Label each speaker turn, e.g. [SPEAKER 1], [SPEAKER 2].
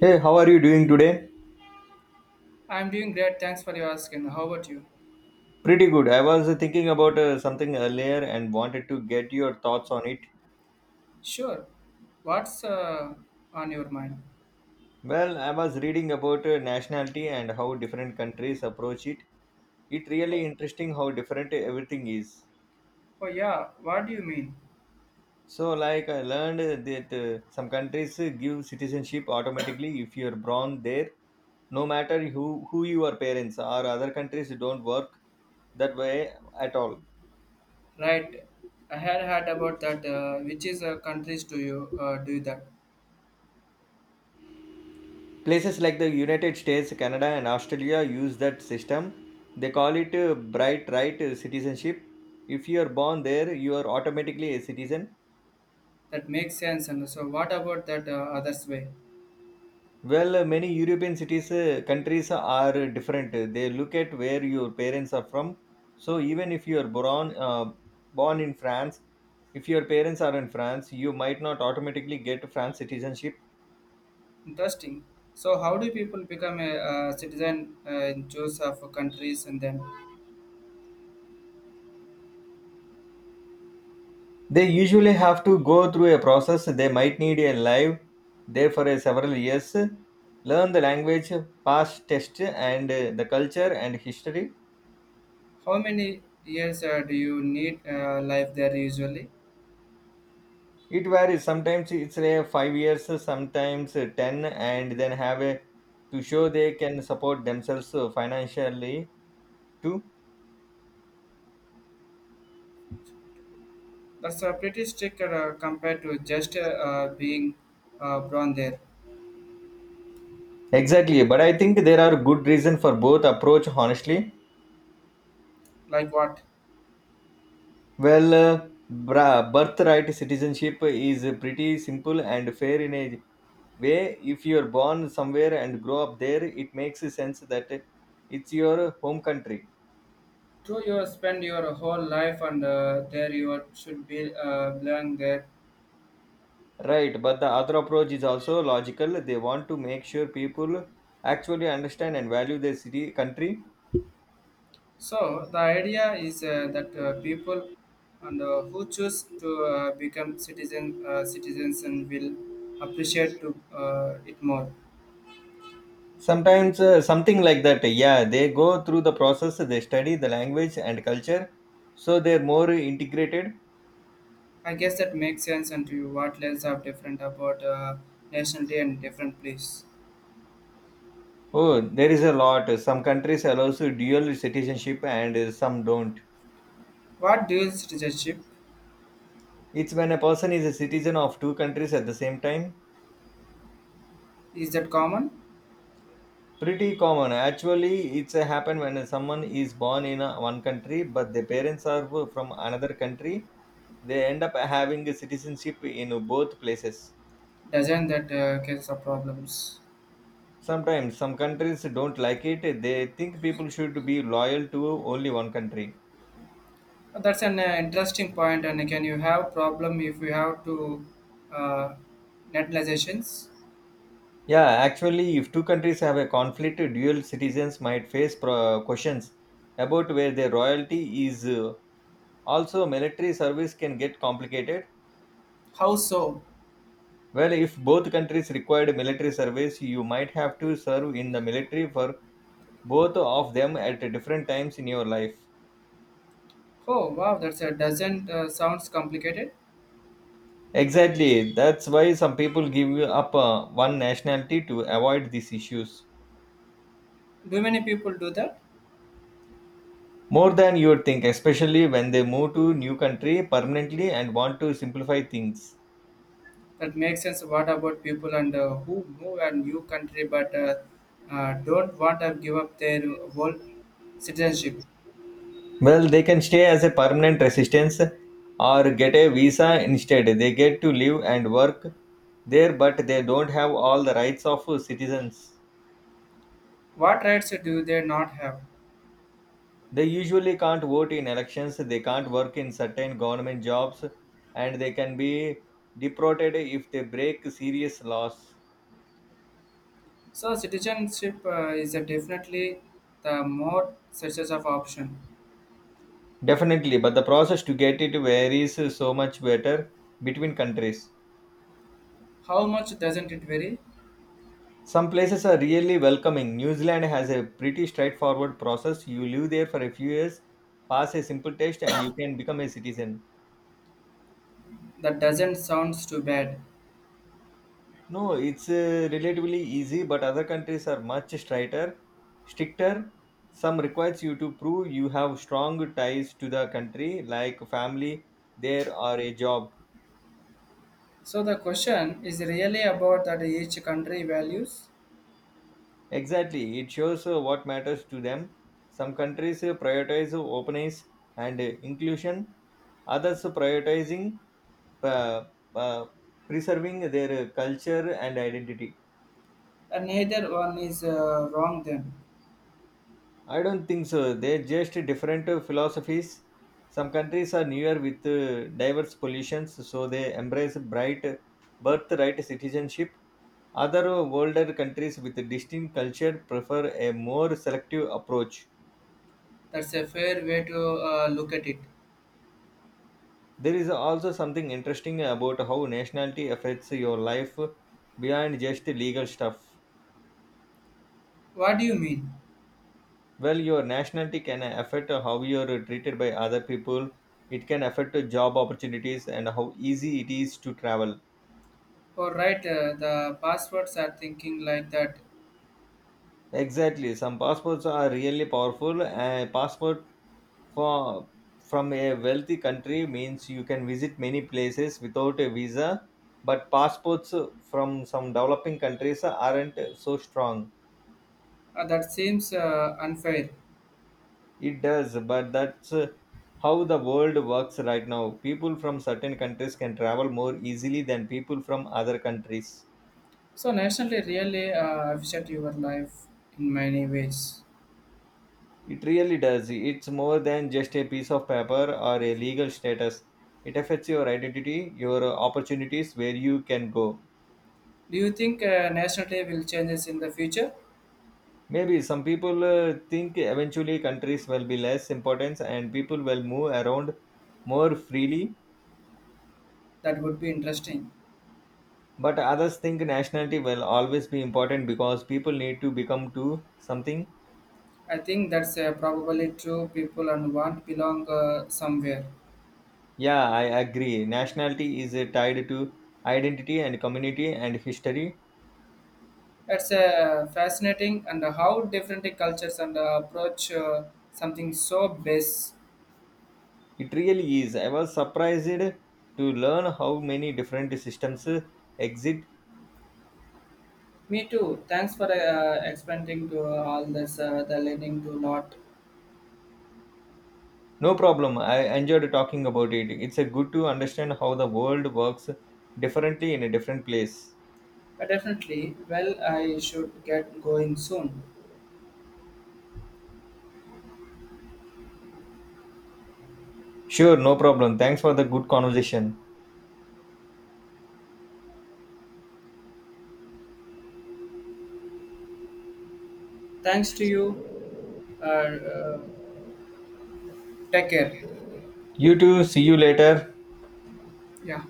[SPEAKER 1] Hey, how are you doing today?
[SPEAKER 2] I'm doing great. Thanks for your asking. How about you?
[SPEAKER 1] Pretty good. I was thinking about something earlier and wanted to get your thoughts on it.
[SPEAKER 2] Sure. What's on your mind?
[SPEAKER 1] Well, I was reading about nationality and how different countries approach it. It really interesting how different everything is.
[SPEAKER 2] Oh yeah. What do you mean?
[SPEAKER 1] So, like I learned that some countries give citizenship automatically if you are born there, no matter who your parents are. Other countries don't work that way at all.
[SPEAKER 2] Right. I had heard about that. Which is countries do you do that?
[SPEAKER 1] Places like the United States, Canada, and Australia use that system. They call it bright right citizenship. If you are born there, you are automatically a citizen.
[SPEAKER 2] That makes sense. And so, what about that others way?
[SPEAKER 1] Well, many European cities countries are different. They look at where your parents are from. So even if you are born in France, if your parents are in France, you might not automatically get France citizenship.
[SPEAKER 2] Interesting. So, how do people become a, citizen in choice of countries, and then
[SPEAKER 1] They usually have to go through a process. They might need a live there for a several years, learn the language, pass test, and the culture and history.
[SPEAKER 2] how many years do you need life there usually?
[SPEAKER 1] It varies. Sometimes it's a 5 years, sometimes ten, and then have a to show they can support themselves financially too.
[SPEAKER 2] That's a pretty strict compared to just being born there.
[SPEAKER 1] Exactly, but I think there are good reason for both approach. Honestly,
[SPEAKER 2] Like what?
[SPEAKER 1] well, birthright citizenship is pretty simple and fair in a way. If you're born somewhere and grow up there, it makes sense that it's your home country,
[SPEAKER 2] True, you spend your whole life and there you should be learning there.
[SPEAKER 1] right, but the other approach is also logical. They want to make sure people actually understand and value their city country.
[SPEAKER 2] So the idea is that people and who choose to become citizens and will appreciate to it more.
[SPEAKER 1] Sometimes something like that. Yeah, they go through the process, they study the language and culture so they're more integrated.
[SPEAKER 2] I guess that makes sense and to you what less are different about nationality and different place.
[SPEAKER 1] Oh, there is a lot. Some countries allows dual citizenship, and some don't.
[SPEAKER 2] What dual citizenship
[SPEAKER 1] It's when a person is a citizen of two countries at the same time.
[SPEAKER 2] is that common?
[SPEAKER 1] Pretty common actually. It's a happen when someone is born in one country but their parents are from another country. They end up having a citizenship in both places.
[SPEAKER 2] Doesn't that case of problems?
[SPEAKER 1] Sometimes some countries don't like it. They think people should be loyal to only one country.
[SPEAKER 2] That's an interesting point. And can you have problem if you have to uh, netlizations?
[SPEAKER 1] Yeah, actually if two countries have a conflict, dual citizens might face questions about where their royalty is. Also, military service can get complicated.
[SPEAKER 2] How so?
[SPEAKER 1] Well, if both countries required military service, you might have to serve in the military for both of them at different times in your life.
[SPEAKER 2] Oh wow, that's a doesn't sounds complicated.
[SPEAKER 1] Exactly. That's why some people give up one nationality to avoid these issues.
[SPEAKER 2] Do many people do that?
[SPEAKER 1] More than you would think, especially when they move to new country permanently and want to simplify things.
[SPEAKER 2] That makes sense. What about people and who move a new country but don't want to give up their whole citizenship?
[SPEAKER 1] Well, they can stay as a permanent residence or get a visa instead. They get to live and work there, but they don't have all the rights of citizens.
[SPEAKER 2] What rights do they not have?
[SPEAKER 1] They usually can't vote in elections, they can't work in certain government jobs, and they can be deported if they break serious laws.
[SPEAKER 2] So citizenship is a definitely the more such as of option.
[SPEAKER 1] Definitely, but the process to get it varies so much better between countries.
[SPEAKER 2] How much doesn't it vary?
[SPEAKER 1] Some places are really welcoming. New Zealand has a pretty straightforward process. You live there for a few years, pass a simple test, and you can become a citizen.
[SPEAKER 2] That doesn't sounds too bad.
[SPEAKER 1] No, it's relatively easy, but other countries are much stricter. Stricter. Some requires you to prove you have strong ties to the country, like family, there or a job.
[SPEAKER 2] So the question is really about that each country values,
[SPEAKER 1] Exactly, it shows what matters to them. Some countries prioritize openness and inclusion. Others prioritizing uh, uh, preserving their culture and identity.
[SPEAKER 2] and neither one is wrong. Then
[SPEAKER 1] I don't think so. They're just different philosophies. Some countries are newer with diverse pollutions, so they embrace bright birthright citizenship. Other older countries with a distinct culture prefer a more selective approach.
[SPEAKER 2] that's a fair way to look at it.
[SPEAKER 1] There is also something interesting about how nationality affects your life beyond just legal stuff.
[SPEAKER 2] What do you mean?
[SPEAKER 1] Well, your nationality can affect how you're treated by other people. It can affect job opportunities and how easy it is to travel.
[SPEAKER 2] All right, the passwords are thinking like that.
[SPEAKER 1] Exactly. Some passports are really powerful. A passport for, from a wealthy country means you can visit many places without a visa, but passports from some developing countries aren't so strong.
[SPEAKER 2] That seems unfair.
[SPEAKER 1] It does, but that's how the world works right now. People from certain countries can travel more easily than people from other countries.
[SPEAKER 2] So nationality really affects your life in many ways.
[SPEAKER 1] It really does. It's more than just a piece of paper or a legal status. It affects your identity, your opportunities, where you can go.
[SPEAKER 2] Do you think nationality will changes in the future?
[SPEAKER 1] Maybe some people think eventually countries will be less important and people will move around more freely,
[SPEAKER 2] That would be interesting.
[SPEAKER 1] but others think nationality will always be important because people need to become to something.
[SPEAKER 2] I think that's probably true. People and want belong somewhere.
[SPEAKER 1] Yeah, I agree. Nationality is tied to identity and community and history.
[SPEAKER 2] That's fascinating, and how different the cultures and approach something so base.
[SPEAKER 1] It really is. I was surprised to learn how many different systems exist.
[SPEAKER 2] Me too. Thanks for explaining to all this. The learning to lot.
[SPEAKER 1] No problem. I enjoyed talking about it. It's a good to understand how the world works differently in a different place.
[SPEAKER 2] But definitely, well, I should get going soon.
[SPEAKER 1] Sure, no problem. Thanks for the good conversation.
[SPEAKER 2] Thanks to you. Uh, uh, take care.
[SPEAKER 1] You too. See you later.
[SPEAKER 2] Yeah,